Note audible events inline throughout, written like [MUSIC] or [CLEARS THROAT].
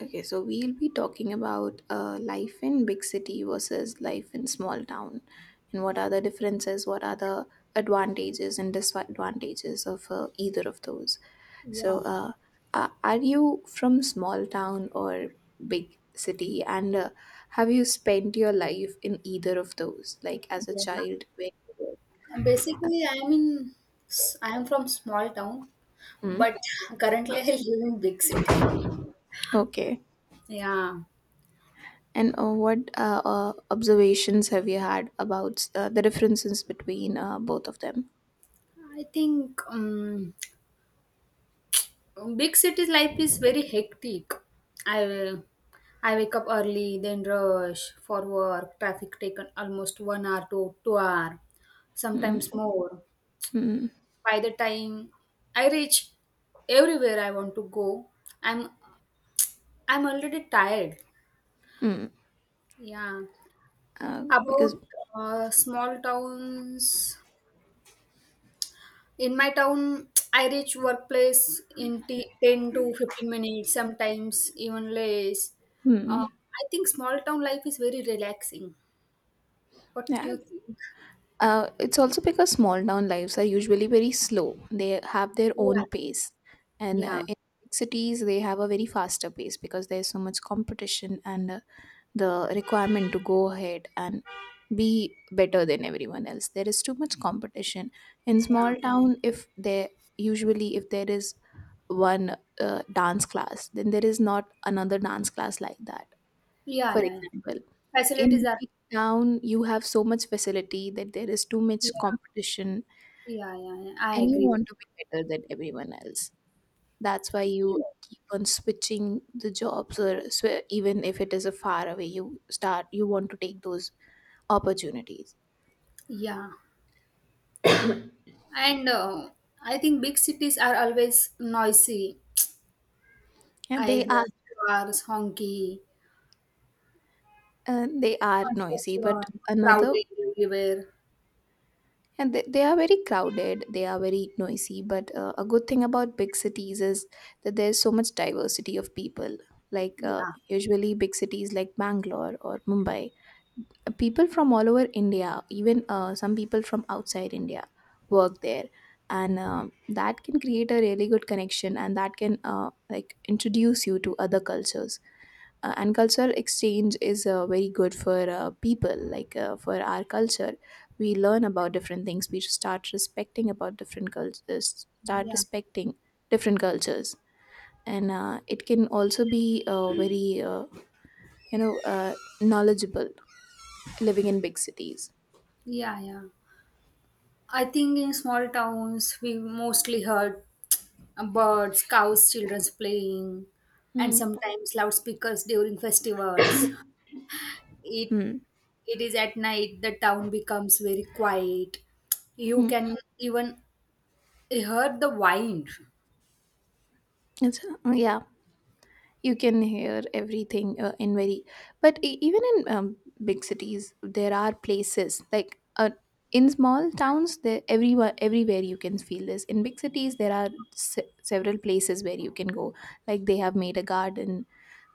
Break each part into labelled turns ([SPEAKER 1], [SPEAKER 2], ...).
[SPEAKER 1] Okay, so we'll be talking about life in big city versus life in small town, and what are the differences, what are the advantages and disadvantages of either of those. So,
[SPEAKER 2] Yeah,
[SPEAKER 1] uh, are you from small town or big city, and have you spent your life in either of those, like as a
[SPEAKER 2] yeah.
[SPEAKER 1] child? When you
[SPEAKER 2] Basically, I'm in, I I'm from small town,
[SPEAKER 1] Hmm?
[SPEAKER 2] but currently I live in big city.
[SPEAKER 1] Okay.
[SPEAKER 2] Yeah,
[SPEAKER 1] And what observations have you had about the differences between both of them?
[SPEAKER 2] I think big city life is very hectic. I I wake up early, then rush for work. Traffic taken almost 1 hour to 2 hour, sometimes more.
[SPEAKER 1] Hmm.
[SPEAKER 2] By the time I reach everywhere I want to go, I'm I'm already tired.
[SPEAKER 1] Hmm.
[SPEAKER 2] Yeah.
[SPEAKER 1] Because
[SPEAKER 2] About small towns, in my town, I reach workplace in 10 to 15 minutes, sometimes even less.
[SPEAKER 1] hmm.
[SPEAKER 2] I think small town life is very relaxing. What do
[SPEAKER 1] Yeah.
[SPEAKER 2] you think?
[SPEAKER 1] It's also because small town lives are usually very slow. They have their own
[SPEAKER 2] Yeah,
[SPEAKER 1] pace, and
[SPEAKER 2] yeah,
[SPEAKER 1] in big cities they have a very faster pace because there's so much competition and the requirement to go ahead and be better than everyone else. There is too much competition in small
[SPEAKER 2] yeah,
[SPEAKER 1] town. If there Usually if there is one dance class, then there is not another dance class like that.
[SPEAKER 2] yeah,
[SPEAKER 1] For
[SPEAKER 2] yeah, yeah.
[SPEAKER 1] example,
[SPEAKER 2] Facilities
[SPEAKER 1] in
[SPEAKER 2] are,
[SPEAKER 1] big town, you have so much facility that there is too
[SPEAKER 2] yeah,
[SPEAKER 1] much competition
[SPEAKER 2] yeah, yeah, yeah. I
[SPEAKER 1] and you
[SPEAKER 2] agree.
[SPEAKER 1] want to be better than everyone else. That's why
[SPEAKER 2] I
[SPEAKER 1] you
[SPEAKER 2] think-
[SPEAKER 1] keep on switching the jobs or even if it is a far away, you start, you want to take those opportunities.
[SPEAKER 2] Yeah, and I think big cities are always noisy.
[SPEAKER 1] And
[SPEAKER 2] I
[SPEAKER 1] they are,
[SPEAKER 2] hear cars honky,
[SPEAKER 1] uh, they are noisy, but
[SPEAKER 2] construction,
[SPEAKER 1] another.
[SPEAKER 2] crowded everywhere.
[SPEAKER 1] And they are very crowded, they are very noisy. But a good thing about big cities is that there's so much diversity of people. Like
[SPEAKER 2] Yeah,
[SPEAKER 1] usually, big cities like Bangalore or Mumbai, people from all over India, even some people from outside India, work there. And that can create a really good connection and that can like introduce you to other cultures and cultural exchange is very good for people like for our culture. We learn about different things, we start respecting about different cultures, start
[SPEAKER 2] yeah,
[SPEAKER 1] respecting different cultures, and it can also be very you know uh, knowledgeable living in big cities.
[SPEAKER 2] yeah, yeah. I think in small towns we mostly heard birds, cows, children's playing, and
[SPEAKER 1] Hmm.
[SPEAKER 2] sometimes loudspeakers during festivals. It
[SPEAKER 1] Hmm.
[SPEAKER 2] it is at night the town becomes very quiet. You
[SPEAKER 1] Hmm.
[SPEAKER 2] can even hear the wind.
[SPEAKER 1] Yeah, you can hear everything in very, but even in big cities there are places like in small towns there everywhere you can feel this. In big cities there are several places where you can go, like they have made a garden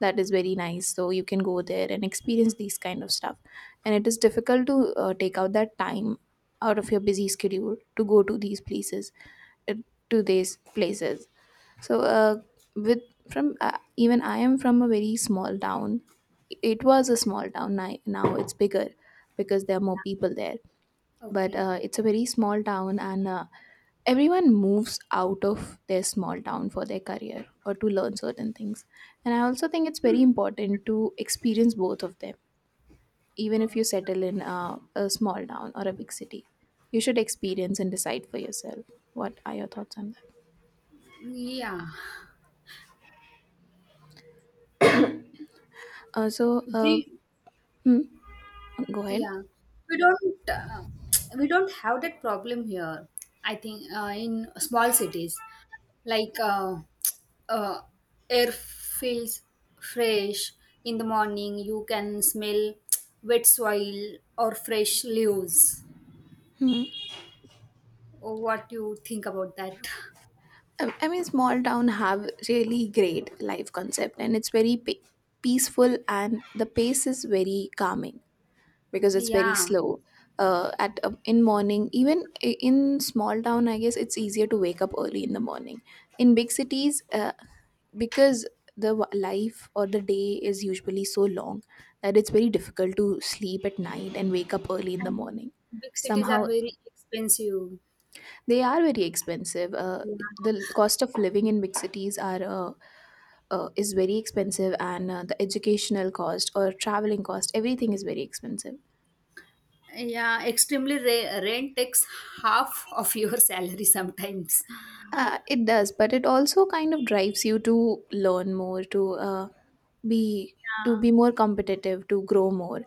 [SPEAKER 1] that is very nice, so you can go there and experience these kind of stuff, and it is difficult to take out that time out of your busy schedule to go to these places, uh, to these places. So, with from Even I am from a very small town. It was a small town. Now it's bigger because there are more people there. But
[SPEAKER 2] Okay.
[SPEAKER 1] it's a very small town, and everyone moves out of their small town for their career or to learn certain things. And I also think it's very important to experience both of them, even if
[SPEAKER 2] Uh,
[SPEAKER 1] you settle in a small town or a big city. You should experience and decide for yourself. What are your thoughts on that?
[SPEAKER 2] yeah.
[SPEAKER 1] Uh, so, uh,
[SPEAKER 2] Do
[SPEAKER 1] go ahead.
[SPEAKER 2] Yeah, we don't [TSK] we don't have that problem here. I think in small cities like uh, uh, air feels fresh in the morning. You can smell [TSK] wet soil or fresh leaves. What you think about that? [LAUGHS]
[SPEAKER 1] I mean, small town have really great life concept, and it's very peaceful, and the pace is very calming because it's very
[SPEAKER 2] Yeah,
[SPEAKER 1] slow. At In morning, even in small town, I guess it's easier to wake up early in the morning. In big cities, because the life or the day is usually so long that it's very difficult to sleep at night and wake up early in the
[SPEAKER 2] and
[SPEAKER 1] morning.
[SPEAKER 2] big cities
[SPEAKER 1] Somehow,
[SPEAKER 2] are very expensive.
[SPEAKER 1] they are very expensive.
[SPEAKER 2] Yeah,
[SPEAKER 1] The cost of living in big cities are is very expensive, and the educational cost or traveling cost, everything is very expensive.
[SPEAKER 2] yeah, extremely rent takes half of your [LAUGHS] salary sometimes.
[SPEAKER 1] It does, but it also kind of drives you to learn more, to be to
[SPEAKER 2] Yeah,
[SPEAKER 1] be more competitive, to grow more.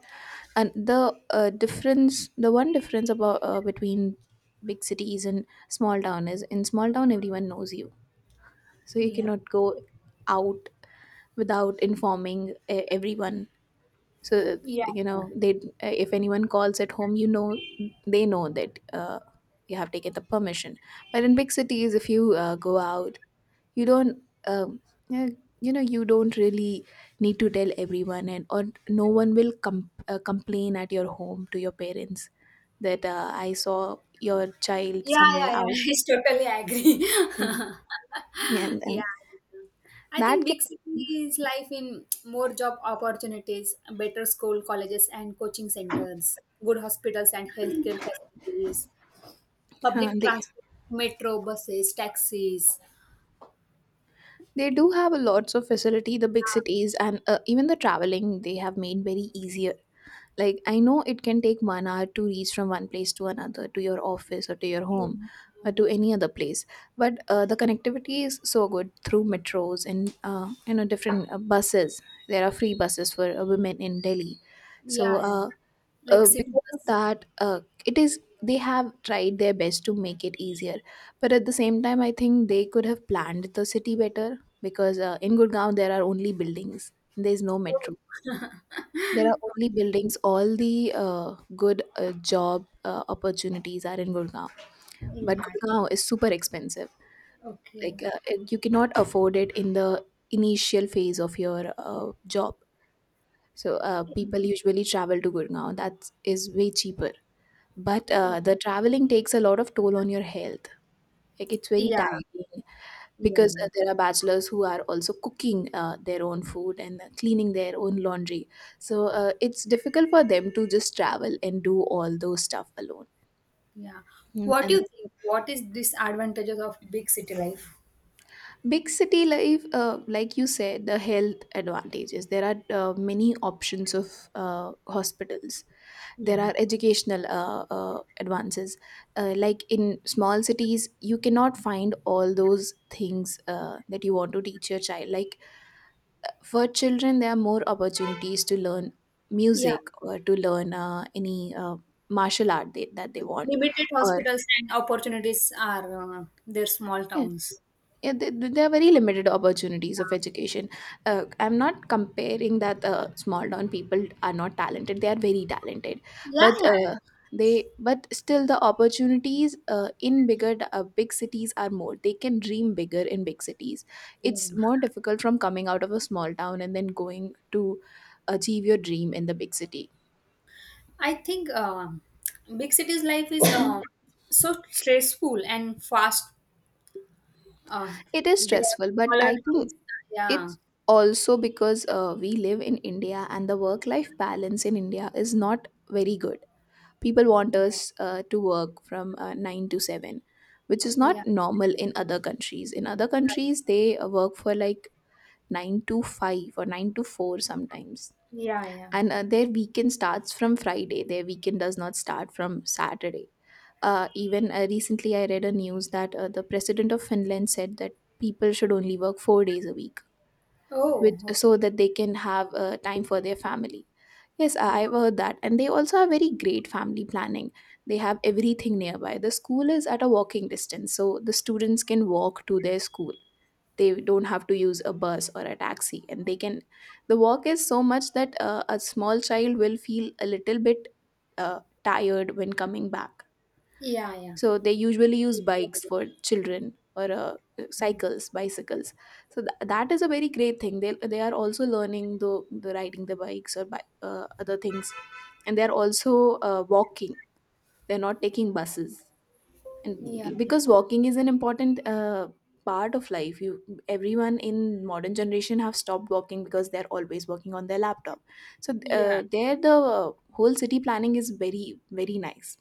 [SPEAKER 1] And the one difference about between big cities and small town is in small town everyone knows you, so you
[SPEAKER 2] yeah.
[SPEAKER 1] cannot go out without informing everyone. So
[SPEAKER 2] Yeah.
[SPEAKER 1] you know they, if anyone calls at home, you know they know that you have taken the permission. But in big cities if you go out, you don't, um, yeah, you know, you don't really need to tell everyone, and or no one will complain at your home to your parents that I saw your child
[SPEAKER 2] Yeah,
[SPEAKER 1] somewhere
[SPEAKER 2] yeah, yeah.
[SPEAKER 1] out.
[SPEAKER 2] [LAUGHS] It's totally agree.
[SPEAKER 1] Mhm. Yeah,
[SPEAKER 2] [LAUGHS]
[SPEAKER 1] and
[SPEAKER 2] Yeah. I think
[SPEAKER 1] that can
[SPEAKER 2] big cities life in more job opportunities, better school, colleges, and coaching centers, good hospitals and healthcare facilities,
[SPEAKER 1] uh,
[SPEAKER 2] public
[SPEAKER 1] they
[SPEAKER 2] transport, metro, buses, taxis.
[SPEAKER 1] they. Do have a lots of facility, the big cities, and even the traveling they have made very easier. Like I know it can take 1 hour to reach from one place to another, to your office or to your
[SPEAKER 2] Yeah,
[SPEAKER 1] home, or to any other place. But the connectivity is so good through metros and you know different buses. There are free buses for women in Delhi, so
[SPEAKER 2] yeah, yeah. Like city
[SPEAKER 1] because of
[SPEAKER 2] bus.
[SPEAKER 1] that it is they have tried their best to make it easier, but at the same time I think they could have planned the city better because in gurgaon there are only buildings, there is no
[SPEAKER 2] Oh.
[SPEAKER 1] metro, there are only buildings. All the good job opportunities are in gurgaon,
[SPEAKER 2] [LAUGHS]
[SPEAKER 1] but
[SPEAKER 2] Yeah.
[SPEAKER 1] gurgaon is super expensive.
[SPEAKER 2] Okay.
[SPEAKER 1] Like it- you cannot afford it in the initial phase of your job, so people usually travel to gurgaon that is way cheaper. But
[SPEAKER 2] Oh.
[SPEAKER 1] the traveling takes a lot of toll on your health. Like it's very
[SPEAKER 2] Yeah.
[SPEAKER 1] tiring
[SPEAKER 2] Yeah.
[SPEAKER 1] because
[SPEAKER 2] Yeah.
[SPEAKER 1] there are bachelors who are also cooking their own food and cleaning their own laundry. So it's difficult for them to just travel and do all those stuff alone.
[SPEAKER 2] Yeah. What do
[SPEAKER 1] And
[SPEAKER 2] you think? What is disadvantages of big city life?
[SPEAKER 1] big city life, like you said, the health advantages, there are many options of hospitals. There
[SPEAKER 2] Yeah.
[SPEAKER 1] are educational advances, like in small cities you cannot find all those things that you want to teach your child, like for children there are more opportunities to learn
[SPEAKER 2] Yeah.
[SPEAKER 1] music or to learn any martial art that they want.
[SPEAKER 2] Limited
[SPEAKER 1] Or
[SPEAKER 2] hospitals and opportunities are their small
[SPEAKER 1] yeah.
[SPEAKER 2] towns.
[SPEAKER 1] Yeah, there are very limited opportunities of education. I'm not comparing that small town people are not talented. They are very talented,
[SPEAKER 2] Yeah,
[SPEAKER 1] but
[SPEAKER 2] yeah.
[SPEAKER 1] uh, but still the opportunities in big cities are more. They can dream bigger in big cities.
[SPEAKER 2] Yeah.
[SPEAKER 1] It's more difficult from coming out of a small town and then going to achieve your dream in the big city.
[SPEAKER 2] I think big cities life is so stressful and fast. Uh,
[SPEAKER 1] It is
[SPEAKER 2] they have
[SPEAKER 1] stressful, but
[SPEAKER 2] smaller
[SPEAKER 1] I
[SPEAKER 2] house.
[SPEAKER 1] think
[SPEAKER 2] Yeah,
[SPEAKER 1] it's also because we live in India and the work life balance in India is not very good. People want
[SPEAKER 2] yeah,
[SPEAKER 1] us to work from 9 to 7, which is not
[SPEAKER 2] yeah,
[SPEAKER 1] normal in other countries. In other countries, they work for like 9 to 5 or 9 to 4 sometimes.
[SPEAKER 2] yeah, yeah.
[SPEAKER 1] And their weekend starts from Friday, their weekend does not start from Saturday. Even Recently, I read a news that the president of Finland said that people should only work 4 days a week
[SPEAKER 2] Oh,
[SPEAKER 1] with so that they can have time for their family. Yes
[SPEAKER 2] okay.
[SPEAKER 1] I've heard that, and they also have very great family planning. They have everything nearby, the school is at a walking distance so the students can walk to their school. They don't have to use a bus or a taxi, and they can. The walk is so much that a small child will feel a little bit tired when coming back,
[SPEAKER 2] Yeah, yeah,
[SPEAKER 1] so they usually use bikes
[SPEAKER 2] yeah,
[SPEAKER 1] for children or cycles, bicycles. So that is a very great thing. They are also learning the riding the bikes or other things, and they are also walking. They're not taking buses.
[SPEAKER 2] yeah,
[SPEAKER 1] And
[SPEAKER 2] yeah,
[SPEAKER 1] because walking is an important part of life, you, everyone in modern generation have stopped walking because they're always working on their laptop. So
[SPEAKER 2] yeah.
[SPEAKER 1] there the whole city planning is very very nice.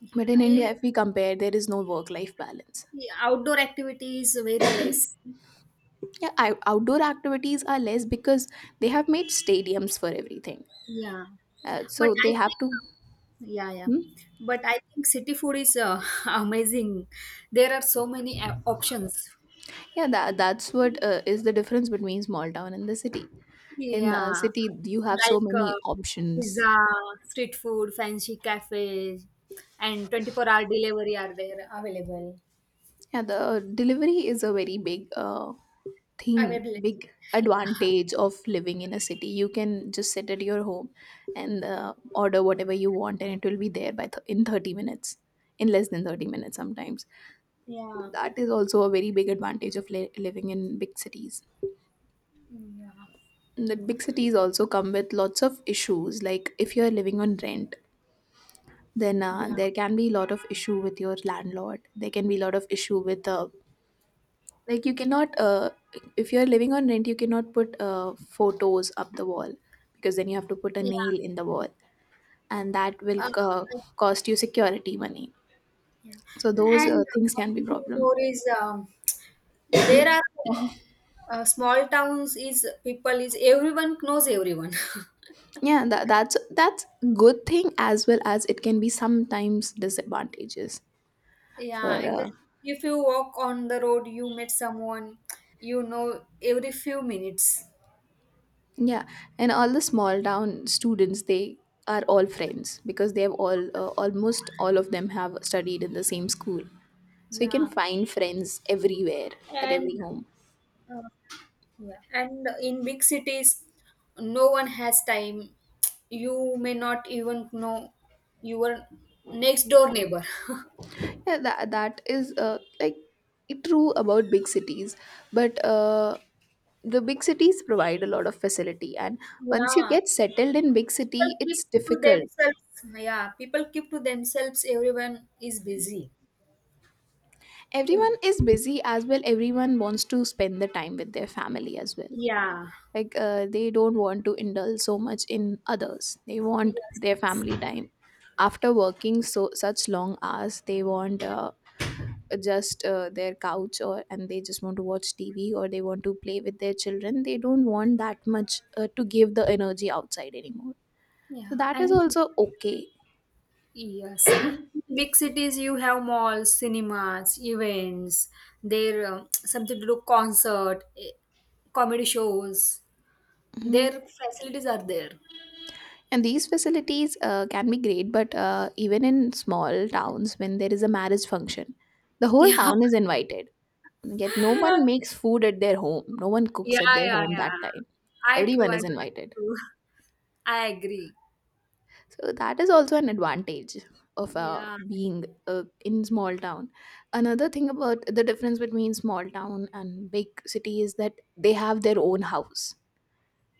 [SPEAKER 2] Yeah,
[SPEAKER 1] But in
[SPEAKER 2] I-
[SPEAKER 1] India, if we compare, there is no work life balance.
[SPEAKER 2] Yeah, outdoor activities very less.
[SPEAKER 1] Yeah, I, outdoor activities are less because they have made stadiums for everything.
[SPEAKER 2] Yeah, but
[SPEAKER 1] So
[SPEAKER 2] I
[SPEAKER 1] they have
[SPEAKER 2] think
[SPEAKER 1] to.
[SPEAKER 2] yeah, yeah.
[SPEAKER 1] Hmm?
[SPEAKER 2] But I think city food is [LAUGHS] amazing. There are so many options.
[SPEAKER 1] Yeah, that's what is the difference between small town and the city. In the
[SPEAKER 2] Yeah,
[SPEAKER 1] city, you have so
[SPEAKER 2] like
[SPEAKER 1] many
[SPEAKER 2] um,
[SPEAKER 1] options.
[SPEAKER 2] pizza, street food, fancy cafes, and 24-hour delivery are there available.
[SPEAKER 1] Yeah, the delivery is a very big thing,
[SPEAKER 2] Availability.
[SPEAKER 1] big
[SPEAKER 2] [LAUGHS]
[SPEAKER 1] advantage of living in a city. You can just sit at your home and order whatever you want, and it will be there by in 30 minutes, in less than 30 minutes sometimes.
[SPEAKER 2] Yeah,
[SPEAKER 1] That is also a very big advantage of living in big cities.
[SPEAKER 2] yeah, yeah,
[SPEAKER 1] And the big cities also come with lots of issues, like if you are living on rent, then
[SPEAKER 2] yeah,
[SPEAKER 1] there can be a lot of issue with your landlord. There can be a lot of issue with like you cannot if you're living on rent you cannot put photos up the wall, because then you have to put a
[SPEAKER 2] yeah.
[SPEAKER 1] nail in the wall and that will
[SPEAKER 2] Uh,
[SPEAKER 1] cost you security money,
[SPEAKER 2] yeah.
[SPEAKER 1] so those
[SPEAKER 2] And
[SPEAKER 1] things can be
[SPEAKER 2] one thing
[SPEAKER 1] problem.
[SPEAKER 2] more is there are small towns is people is everyone knows everyone. [LAUGHS]
[SPEAKER 1] Yeah, that's good thing as well as it can be sometimes disadvantages for
[SPEAKER 2] Yeah, exactly. If you walk on the road, you meet someone you know every few minutes.
[SPEAKER 1] yeah, and all the small town students, they are all friends because they have all almost all of them have studied in the same school. So you can
[SPEAKER 2] Yeah,
[SPEAKER 1] find friends everywhere, at
[SPEAKER 2] and
[SPEAKER 1] every home.
[SPEAKER 2] uh, yeah, and in big cities, no one has time. You may not even know your next door neighbor. [LAUGHS]
[SPEAKER 1] Yeah, that that is like true about big cities, but the big cities provide a lot of facility. And once you
[SPEAKER 2] Yeah,
[SPEAKER 1] get settled in big
[SPEAKER 2] people
[SPEAKER 1] city,
[SPEAKER 2] keep
[SPEAKER 1] it's
[SPEAKER 2] to
[SPEAKER 1] difficult.
[SPEAKER 2] themselves, yeah, people keep to themselves, everyone is busy.
[SPEAKER 1] Everyone is busy as well. Everyone wants to spend the time with their family as well.
[SPEAKER 2] Yeah
[SPEAKER 1] Like they don't want to indulge so much in others, they
[SPEAKER 2] yes,
[SPEAKER 1] want their
[SPEAKER 2] yes.
[SPEAKER 1] family time after working so such long hours. They want just their couch, or and they just want to watch tv, or they want to play with their children. They don't want that much to give the energy outside anymore, so
[SPEAKER 2] Yeah
[SPEAKER 1] that is
[SPEAKER 2] and
[SPEAKER 1] also okay.
[SPEAKER 2] yes. Big cities you have malls, cinemas, events, there something to do, concert, comedy shows,
[SPEAKER 1] Mhm.
[SPEAKER 2] their facilities are there.
[SPEAKER 1] And these facilities can be great, but even in small towns, when there is a marriage function, the whole
[SPEAKER 2] Yeah,
[SPEAKER 1] town is invited. Yet no one
[SPEAKER 2] [LAUGHS]
[SPEAKER 1] makes food at their home. No one cooks at
[SPEAKER 2] yeah,
[SPEAKER 1] their
[SPEAKER 2] yeah,
[SPEAKER 1] home
[SPEAKER 2] yeah.
[SPEAKER 1] that time.
[SPEAKER 2] I true,
[SPEAKER 1] Everyone
[SPEAKER 2] I
[SPEAKER 1] is invited.
[SPEAKER 2] true, I agree.
[SPEAKER 1] So that is also an advantage of
[SPEAKER 2] Yeah.
[SPEAKER 1] being in small town. Another thing about the difference between small town and big city is that they have their own house,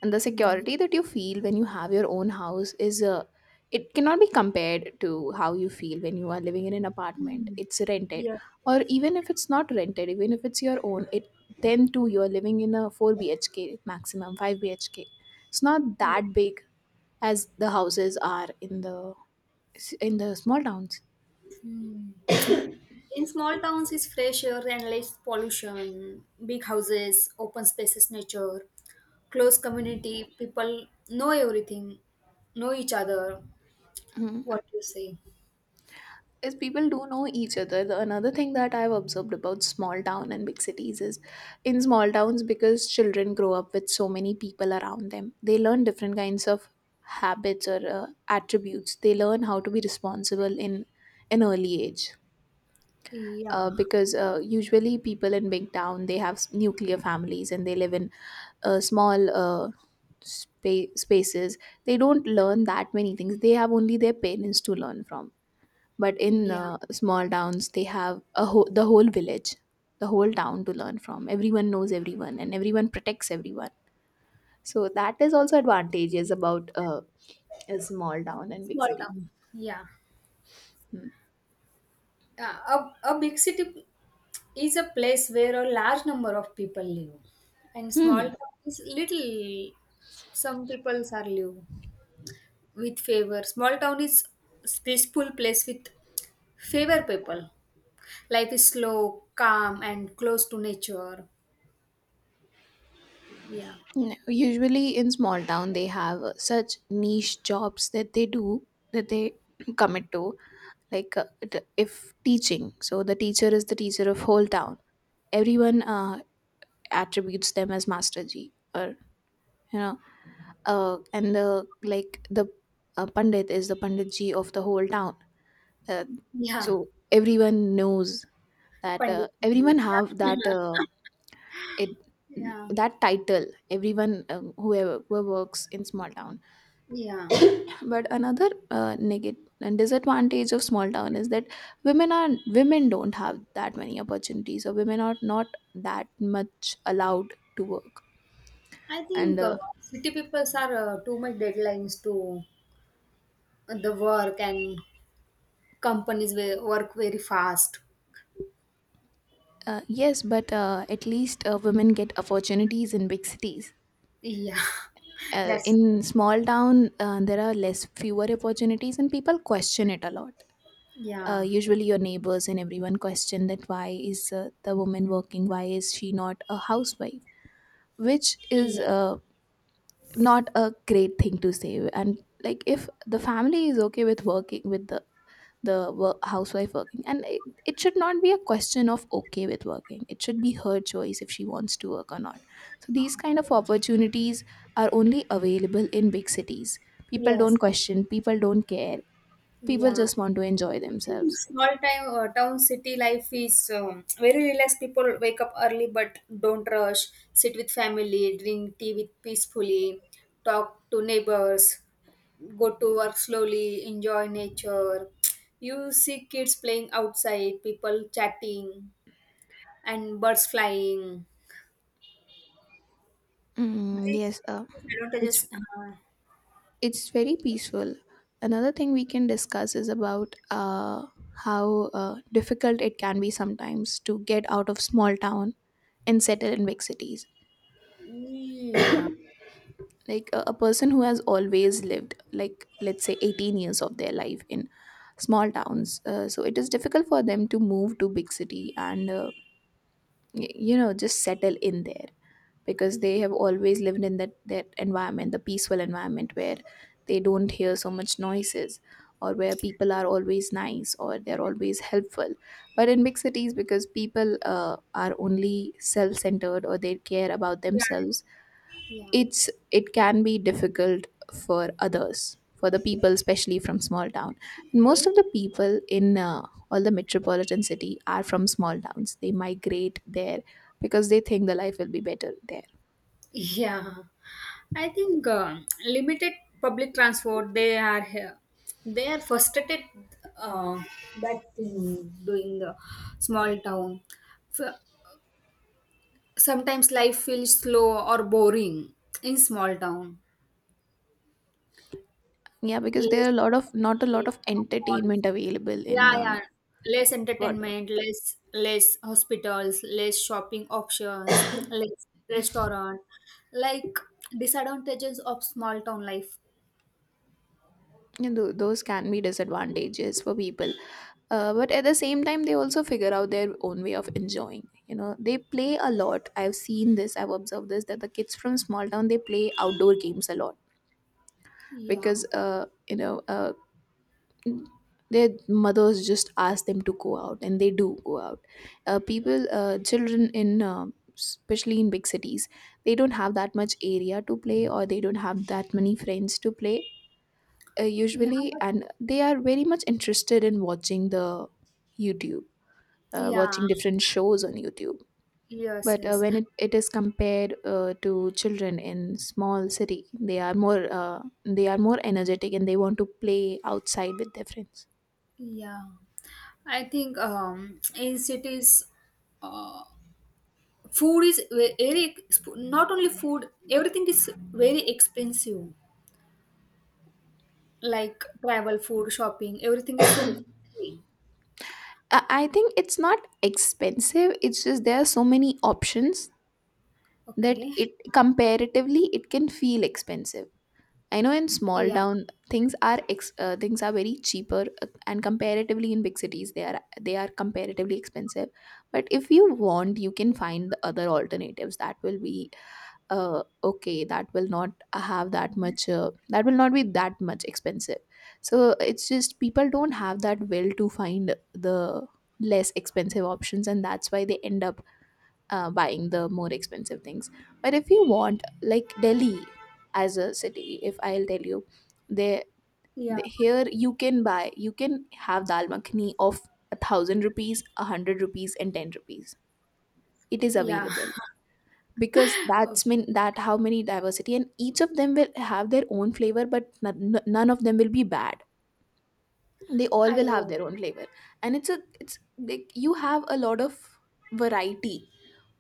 [SPEAKER 1] and the
[SPEAKER 2] Mm, yeah.
[SPEAKER 1] security that you feel when you have your own house is it cannot be compared to how you feel when you are living in an apartment,
[SPEAKER 2] Mm.
[SPEAKER 1] it's rented,
[SPEAKER 2] Yes.
[SPEAKER 1] or even if it's not rented, even if it's your own, it then too you're living in a 4 bhk, maximum 5 bhk. It's not
[SPEAKER 2] Yes.
[SPEAKER 1] that big as the houses are in the small towns.
[SPEAKER 2] Hmm. In small towns, it's fresh air and less pollution. Big houses, open spaces, nature, close community. People know everything, know each other. What you say?
[SPEAKER 1] Is people do know each other. The another thing that I've observed about small town and big cities is, in small towns, because children grow up with so many people around them, they learn different kinds of habits or attributes. They learn how to be responsible in an early age,
[SPEAKER 2] Yeah,
[SPEAKER 1] because usually people in big town, they have nuclear families, and they live in small spaces. They don't learn that many things. They have only their parents to learn from, but in
[SPEAKER 2] yeah.
[SPEAKER 1] small towns they have a whole, the whole village, the whole town to learn from. Everyone knows everyone and everyone protects everyone, so that is also advantages about a small town and big
[SPEAKER 2] Small
[SPEAKER 1] city.
[SPEAKER 2] town. Yeah.
[SPEAKER 1] Hmm.
[SPEAKER 2] Uh, a big city is a place where a large number of people live, and small
[SPEAKER 1] Hmm.
[SPEAKER 2] town is little. Some peoples are live with favor. Small town is peaceful place with favor people. Life is slow, calm, and close to nature. Yeah,
[SPEAKER 1] No, usually in small town they have such niche jobs that they do, that they [CLEARS THROAT] commit to, like if teaching, so the teacher is the teacher of whole town. Everyone attributes them as master g, or you know, and the like the pandit is the panditji of the whole town, uh,
[SPEAKER 2] yeah.
[SPEAKER 1] so everyone knows that
[SPEAKER 2] Pandit,
[SPEAKER 1] everyone
[SPEAKER 2] Pandit.
[SPEAKER 1] have that
[SPEAKER 2] Yeah, [LAUGHS]
[SPEAKER 1] it
[SPEAKER 2] yeah,
[SPEAKER 1] that title, everyone whoever who works in small town.
[SPEAKER 2] yeah.
[SPEAKER 1] But another negative and disadvantage of small town is that women are, women don't have that many opportunities, or women are not that much allowed to work,
[SPEAKER 2] I
[SPEAKER 1] and
[SPEAKER 2] think city people are too much deadlines to the work, and companies will work very fast.
[SPEAKER 1] yes, but at least women get opportunities in big cities.
[SPEAKER 2] Yeah, [LAUGHS] that's
[SPEAKER 1] In small town, there are less fewer opportunities and people question it a lot.
[SPEAKER 2] yeah,
[SPEAKER 1] Usually your neighbors and everyone question that why is the woman working, why is she not a housewife, which is
[SPEAKER 2] yeah,
[SPEAKER 1] not a great thing to say. And like if the family is okay with working, with the work, housewife working, and it should not be a question of okay with working, it should be her choice if she wants to work or not. So these kind of opportunities are only available in big cities. People don't
[SPEAKER 2] yes,
[SPEAKER 1] question, people don't care, people
[SPEAKER 2] yeah.
[SPEAKER 1] just want to enjoy themselves.
[SPEAKER 2] Small time town city life is very relaxed. People wake up early but don't rush, sit with family, drink tea with peacefully, talk to neighbors, go to work slowly, enjoy nature. You see kids playing outside, people chatting, and birds flying.
[SPEAKER 1] Mm,
[SPEAKER 2] these
[SPEAKER 1] yes,
[SPEAKER 2] these
[SPEAKER 1] it's
[SPEAKER 2] advantages,
[SPEAKER 1] it's very peaceful. Another thing we can discuss is about how difficult it can be sometimes to get out of small town and settle in big cities. Like a person who has always lived, like let's say 18 years of their life in small towns, so it is difficult for them to move to big city, and you know, just settle in there, because they have always lived in that environment, the peaceful environment where they don't hear so much noises, or where people are always nice, or they're always helpful. But in big cities, because people are only self-centered, or they care about
[SPEAKER 2] yeah,
[SPEAKER 1] themselves,
[SPEAKER 2] yeah.
[SPEAKER 1] it can be difficult for others, for the people especially from small town. Most
[SPEAKER 2] Yeah.
[SPEAKER 1] of the people in all the metropolitan city are from small towns. They migrate there because they think the life will be better there.
[SPEAKER 2] Yeah, I think limited public transport. They are here. They are frustrated uh, that thing doing the small town. F- Sometimes life feels slow or boring in small town.
[SPEAKER 1] Yeah, because there
[SPEAKER 2] Less
[SPEAKER 1] are a lot of, not a lot
[SPEAKER 2] entertainment,
[SPEAKER 1] of
[SPEAKER 2] no malls.
[SPEAKER 1] entertainment available in
[SPEAKER 2] Yeah, yeah. Less
[SPEAKER 1] small town,
[SPEAKER 2] entertainment, less less hospitals, less shopping options, less restaurant. Like disadvantages of small town life.
[SPEAKER 1] and those can be disadvantages for people. But at the same time they also figure out their own way of enjoying, you know. They play a lot. I've seen this, I've observed this, that the kids from small town, they play outdoor games a lot,
[SPEAKER 2] Yeah,
[SPEAKER 1] because you know their mothers just ask them to go out, and they do go out. People children in especially in big cities, they don't have that much area to play, or they don't have that many friends to play,
[SPEAKER 2] yeah,
[SPEAKER 1] usually,
[SPEAKER 2] but
[SPEAKER 1] and they are very much interested in watching the youtube,
[SPEAKER 2] yeah,
[SPEAKER 1] watching different shows on youtube.
[SPEAKER 2] yes,
[SPEAKER 1] But
[SPEAKER 2] yes,
[SPEAKER 1] when it is compared to children in small city, they are more energetic and they want to play outside with their friends.
[SPEAKER 2] yeah. I think in cities, uh, food is very not only food, everything is very expensive. Like travel, food, shopping, everything is so costly.
[SPEAKER 1] I think it's not expensive, it's just there are so many options that
[SPEAKER 2] Okay.
[SPEAKER 1] it comparatively it can feel expensive. I know in small
[SPEAKER 2] Yeah,
[SPEAKER 1] town things are things are very cheaper, and comparatively in big cities they are, they are comparatively expensive. But if you want, you can find the other alternatives that will be okay. That will not have that much. That will not be that much expensive. So it's just people don't have that will to find the less expensive options, and that's why they end up buying the more expensive things. But if you want, like Delhi as a city, if I'll tell you, there
[SPEAKER 2] yeah,
[SPEAKER 1] here you can buy, you can have dal makhani of a thousand rupees, a hundred rupees, and ten rupees. It is
[SPEAKER 2] yeah.
[SPEAKER 1] available
[SPEAKER 2] [LAUGHS]
[SPEAKER 1] because that's
[SPEAKER 2] Okay.
[SPEAKER 1] mean that how many diversity, and each of them will have their own flavor, but none of them will be bad. They all will
[SPEAKER 2] I
[SPEAKER 1] have
[SPEAKER 2] oh,
[SPEAKER 1] their own flavor, and it's a, it's like you have a lot of variety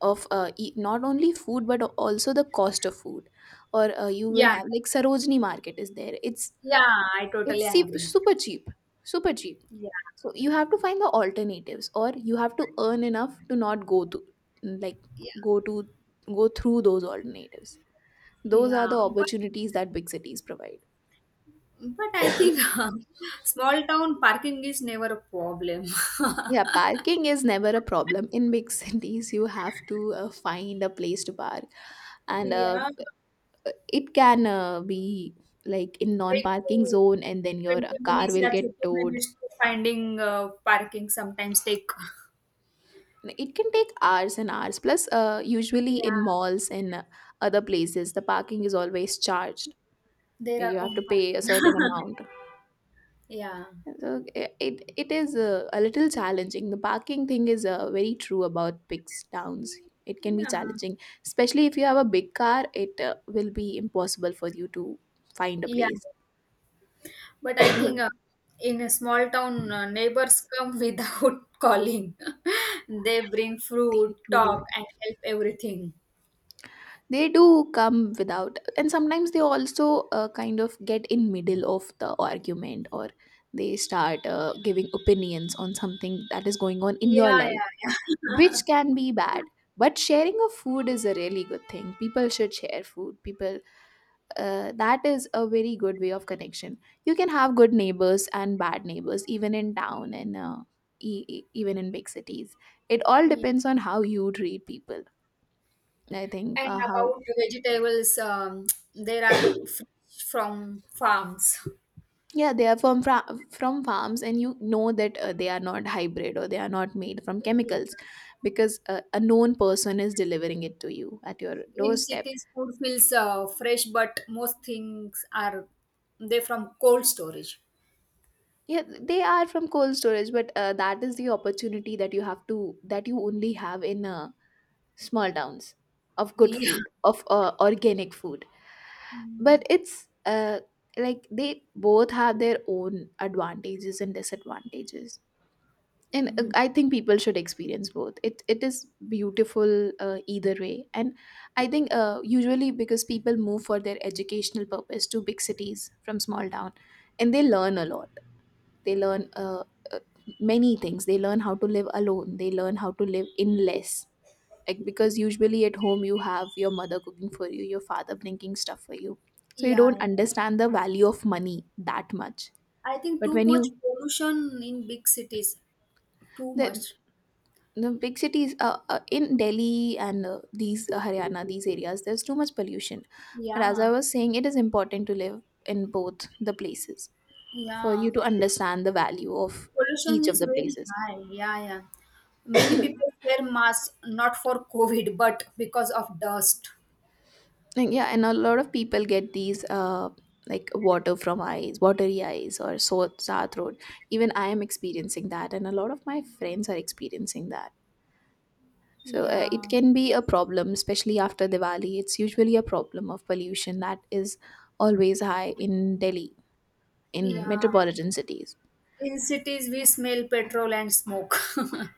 [SPEAKER 1] of not only food but also the cost of food, or you will
[SPEAKER 2] yeah,
[SPEAKER 1] have like sarojini market is there. It's
[SPEAKER 2] yeah. I totally agree.
[SPEAKER 1] super cheap, super cheap.
[SPEAKER 2] Yeah,
[SPEAKER 1] So you have to find the alternatives, or you have to earn enough to not go to, like
[SPEAKER 2] yeah,
[SPEAKER 1] go to, go through those alternatives. Those are the
[SPEAKER 2] yeah. But
[SPEAKER 1] opportunities that big cities provide.
[SPEAKER 2] But I think [LAUGHS] small town parking is never a problem. [LAUGHS]
[SPEAKER 1] Yeah, parking is never a problem. In big [LAUGHS] cities, you have to find a place to park, and
[SPEAKER 2] Yeah,
[SPEAKER 1] it can be like in
[SPEAKER 2] take to
[SPEAKER 1] non-parking zone, and then your
[SPEAKER 2] 20
[SPEAKER 1] car
[SPEAKER 2] minutes
[SPEAKER 1] will
[SPEAKER 2] or
[SPEAKER 1] get
[SPEAKER 2] 30
[SPEAKER 1] towed.
[SPEAKER 2] minutes to finding parking sometimes take. [LAUGHS]
[SPEAKER 1] It can take hours and hours. Plus, usually in
[SPEAKER 2] Yeah,
[SPEAKER 1] malls and other places, the parking is always charged.
[SPEAKER 2] there are
[SPEAKER 1] You have to
[SPEAKER 2] own
[SPEAKER 1] pay a
[SPEAKER 2] parking.
[SPEAKER 1] certain
[SPEAKER 2] [LAUGHS]
[SPEAKER 1] amount.
[SPEAKER 2] Yeah.
[SPEAKER 1] So it is a little challenging. The parking thing is very true about big towns. It can be
[SPEAKER 2] Yeah.
[SPEAKER 1] challenging, especially if you have a big car. It will be impossible for you to find a
[SPEAKER 2] Yeah.
[SPEAKER 1] place.
[SPEAKER 2] But I think in a small town, neighbors come [LAUGHS] without calling. [LAUGHS] They bring
[SPEAKER 1] They
[SPEAKER 2] fruit, talk,
[SPEAKER 1] do,
[SPEAKER 2] and help everything.
[SPEAKER 1] they do come without, and sometimes they also kind of get in middle of the argument, or they start giving opinions on something that is going on in your
[SPEAKER 2] Yeah,
[SPEAKER 1] life,
[SPEAKER 2] yeah, yeah.
[SPEAKER 1] which can be bad. But sharing of food is a really good thing. People should share food. People that is a very good way of connection. You can have good neighbors and bad neighbors, even in town and even in big cities. It
[SPEAKER 2] [LAUGHS]
[SPEAKER 1] all
[SPEAKER 2] Yeah.
[SPEAKER 1] depends on how you treat people. I think
[SPEAKER 2] And
[SPEAKER 1] how
[SPEAKER 2] about the vegetables, there are fresh from farms.
[SPEAKER 1] yeah they are from from farms, and you know that they are not hybrid, or they are not made from
[SPEAKER 2] Yeah.
[SPEAKER 1] chemicals, because a known person is delivering it to you at your
[SPEAKER 2] In
[SPEAKER 1] doorstep.
[SPEAKER 2] cities, food feels fresh, but most things are they from cold storage.
[SPEAKER 1] Yeah, they are from cold storage, but that is the opportunity that you have to that you only have in small towns of good
[SPEAKER 2] Yeah.
[SPEAKER 1] food of organic food but
[SPEAKER 2] Mm.
[SPEAKER 1] it's like they both have their own advantages and disadvantages and I think people should experience both. It is beautiful either way. And I think usually because people move for their educational purpose to big cities from small town, and they learn a lot. They learn uh, many things. They learn how to live alone, they learn how to live in less, like because usually at home you have your mother cooking for you, your father bringing stuff for you, so you don't
[SPEAKER 2] Yeah,
[SPEAKER 1] understand the value of money that much.
[SPEAKER 2] I think
[SPEAKER 1] But
[SPEAKER 2] too
[SPEAKER 1] when you,
[SPEAKER 2] much pollution in big cities. Too
[SPEAKER 1] the,
[SPEAKER 2] much.
[SPEAKER 1] the big cities in Delhi and these Haryana, these areas, there's too much pollution. But as I
[SPEAKER 2] Yeah,
[SPEAKER 1] was saying, it is important to live in both the places for
[SPEAKER 2] yeah.
[SPEAKER 1] you to understand the value of
[SPEAKER 2] Pollution
[SPEAKER 1] each of
[SPEAKER 2] is
[SPEAKER 1] the
[SPEAKER 2] very
[SPEAKER 1] places.
[SPEAKER 2] high. Yeah, yeah. Many people wear masks not for COVID, but because of dust.
[SPEAKER 1] Like, yeah, and a lot of people get these like water from eyes, watery eyes or sore throat. Even I am experiencing that, and a lot of my friends are experiencing that. So it
[SPEAKER 2] Yeah,
[SPEAKER 1] can be a problem, especially after Diwali. It's usually a problem of pollution that is always high in Delhi, in
[SPEAKER 2] yeah.
[SPEAKER 1] metropolitan cities.
[SPEAKER 2] In cities, we smell petrol and smoke. [LAUGHS]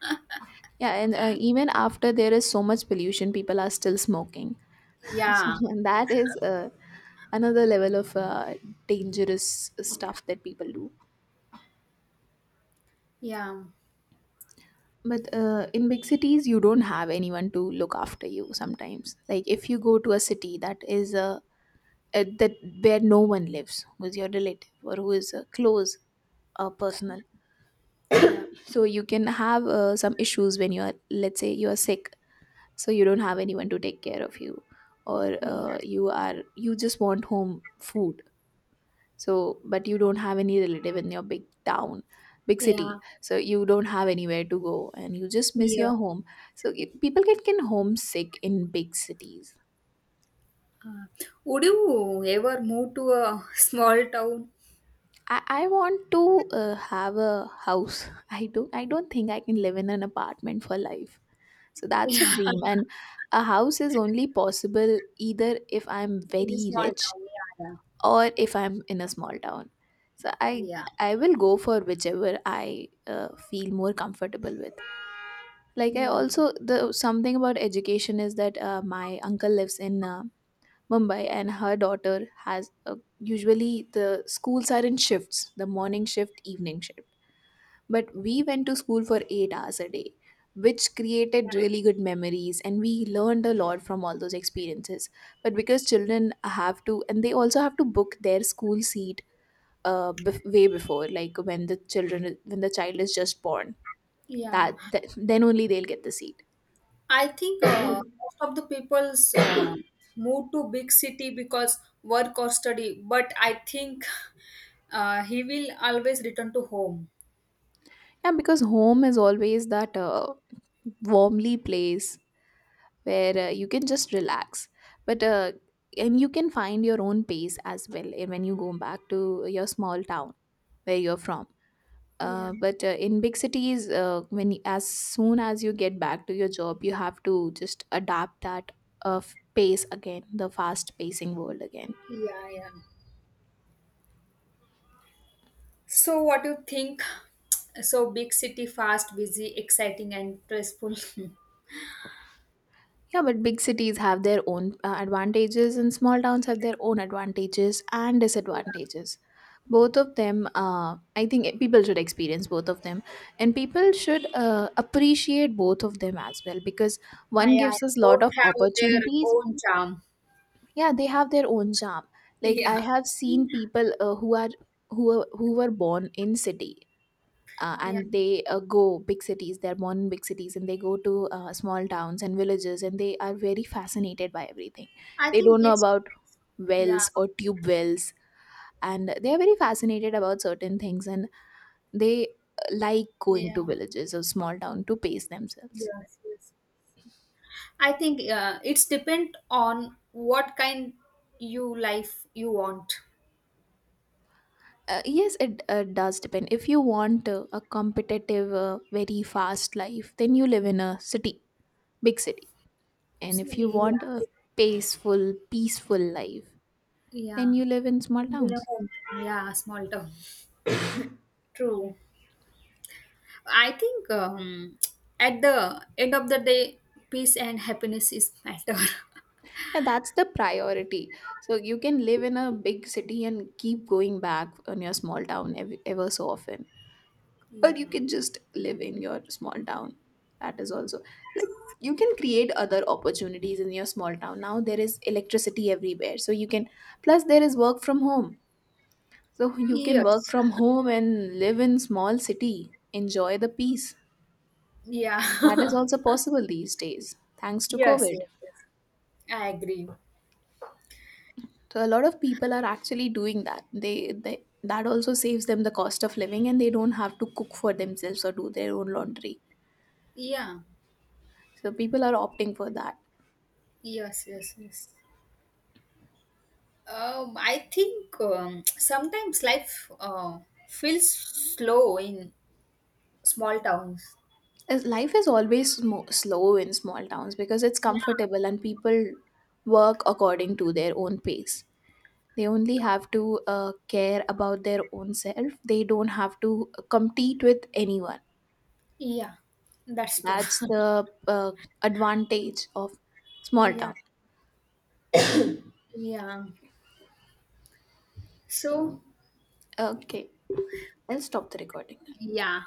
[SPEAKER 1] Yeah, and even after there is so much pollution, people are still smoking. [LAUGHS] So
[SPEAKER 2] Yeah,
[SPEAKER 1] and that is another level of dangerous stuff that people do.
[SPEAKER 2] yeah,
[SPEAKER 1] But in big cities, you don't have anyone to look after you sometimes. Like if you go to a city that is that where no one lives, who's your relative or who is close or personal,
[SPEAKER 2] yeah,
[SPEAKER 1] so you can have some issues when you are, let's say, you are sick, so you don't have anyone to take care of you, or
[SPEAKER 2] yeah,
[SPEAKER 1] you are you just want home food. So, but you don't have any relative in your big town, big city.
[SPEAKER 2] yeah,
[SPEAKER 1] So you don't have anywhere to go, and you just miss
[SPEAKER 2] yeah.
[SPEAKER 1] your home. So it, people get can homesick in big cities.
[SPEAKER 2] Uh, would you ever move to a small town?
[SPEAKER 1] I want to have a house. [LAUGHS] I don't think I can live in an apartment for life. So that's a
[SPEAKER 2] Yeah,
[SPEAKER 1] dream,
[SPEAKER 2] [LAUGHS]
[SPEAKER 1] and a house is only possible either if I'm
[SPEAKER 2] in a
[SPEAKER 1] very
[SPEAKER 2] small
[SPEAKER 1] rich
[SPEAKER 2] town. Yeah, yeah,
[SPEAKER 1] or if I'm in a small town. So I
[SPEAKER 2] yeah,
[SPEAKER 1] I will go for whichever I feel more comfortable with. Like I
[SPEAKER 2] yeah,
[SPEAKER 1] also, the something about education is that my uncle lives in Mumbai, and her daughter has usually the schools are in shifts, the morning shift, evening shift, but we went to school for 8 hours a day, which created
[SPEAKER 2] yeah,
[SPEAKER 1] really good memories, and we learned a lot from all those experiences. But because children have to, and they also have to book their school seat, way before, like when the children when the child is just born,
[SPEAKER 2] yeah.
[SPEAKER 1] that then only they'll get the seat.
[SPEAKER 2] I think most of the people's move to big city because work or study. But I think he will always return to home.
[SPEAKER 1] Yeah, because home is always that warmly place where you can just relax, but and you can find your own pace as well, eh, when you go back to your small town where you're from.
[SPEAKER 2] Yeah,
[SPEAKER 1] But in big cities, when as soon as you get back to your job, you have to just adapt that pace again, the fast pacing world again.
[SPEAKER 2] yeah, yeah. So, what do you think? So, big city, fast, busy, exciting, and stressful. [LAUGHS]
[SPEAKER 1] Yeah, but big cities have their own advantages, and small towns have their own advantages and disadvantages. Both of them, I think people should experience both of them, and people should appreciate both of them as well, because
[SPEAKER 2] Ah,
[SPEAKER 1] one
[SPEAKER 2] yeah.
[SPEAKER 1] gives us a lot
[SPEAKER 2] Both
[SPEAKER 1] of
[SPEAKER 2] have their
[SPEAKER 1] opportunities.
[SPEAKER 2] own charm.
[SPEAKER 1] Yeah, they have their own charm. Like I
[SPEAKER 2] Yeah,
[SPEAKER 1] have seen people who are who were born in city
[SPEAKER 2] yeah,
[SPEAKER 1] and they go big cities they're born in big cities and they go to small towns and villages, and they are very fascinated by everything.
[SPEAKER 2] I
[SPEAKER 1] They
[SPEAKER 2] think
[SPEAKER 1] don't know
[SPEAKER 2] it's
[SPEAKER 1] about
[SPEAKER 2] yeah,
[SPEAKER 1] wells or tube wells, and they are very fascinated about certain things, and they like going to
[SPEAKER 2] yeah,
[SPEAKER 1] villages or small town to pace themselves.
[SPEAKER 2] yes, yes. I think it's depend on what kind you life you want.
[SPEAKER 1] Yes, it does depend. If you want a competitive very fast life, then you live in a city, big city. And if you
[SPEAKER 2] Absolutely,
[SPEAKER 1] want a
[SPEAKER 2] yeah.
[SPEAKER 1] peaceful life, then
[SPEAKER 2] Yeah.
[SPEAKER 1] you live in small
[SPEAKER 2] You
[SPEAKER 1] towns.
[SPEAKER 2] know, yeah, small town. True. I think at the end of the day, peace and happiness is matter. [LAUGHS]
[SPEAKER 1] Yeah, that's the priority. So you can live in a big city and keep going back on your small town ever so often. Or
[SPEAKER 2] Yeah.
[SPEAKER 1] you can just live in your small town. That is also like you can create other opportunities in your small town. Now there is electricity everywhere. So you can, plus there is work from home. So you can work
[SPEAKER 2] Yes.
[SPEAKER 1] from home and live in small city. Enjoy the peace. That is
[SPEAKER 2] Yeah. [LAUGHS]
[SPEAKER 1] also possible these days thanks to
[SPEAKER 2] Yes, yes.
[SPEAKER 1] COVID.
[SPEAKER 2] Yes. I agree.
[SPEAKER 1] So a lot of people are actually doing that. They that also saves them the cost of living, and they don't have to cook for themselves or do their own laundry.
[SPEAKER 2] Yeah.
[SPEAKER 1] So people are opting for that.
[SPEAKER 2] Yes. Yes. Yes. I think sometimes life feels slow in small towns.
[SPEAKER 1] As life is always slow in small towns because it's
[SPEAKER 2] Yeah.
[SPEAKER 1] comfortable, and people work according to their own pace. They only have to care about their own self. They don't have to compete with anyone.
[SPEAKER 2] Yeah. That's true.
[SPEAKER 1] That's
[SPEAKER 2] [LAUGHS]
[SPEAKER 1] the advantage of small
[SPEAKER 2] Yeah.
[SPEAKER 1] town.
[SPEAKER 2] Yeah. So.
[SPEAKER 1] Okay, I'll stop the recording.
[SPEAKER 2] Yeah.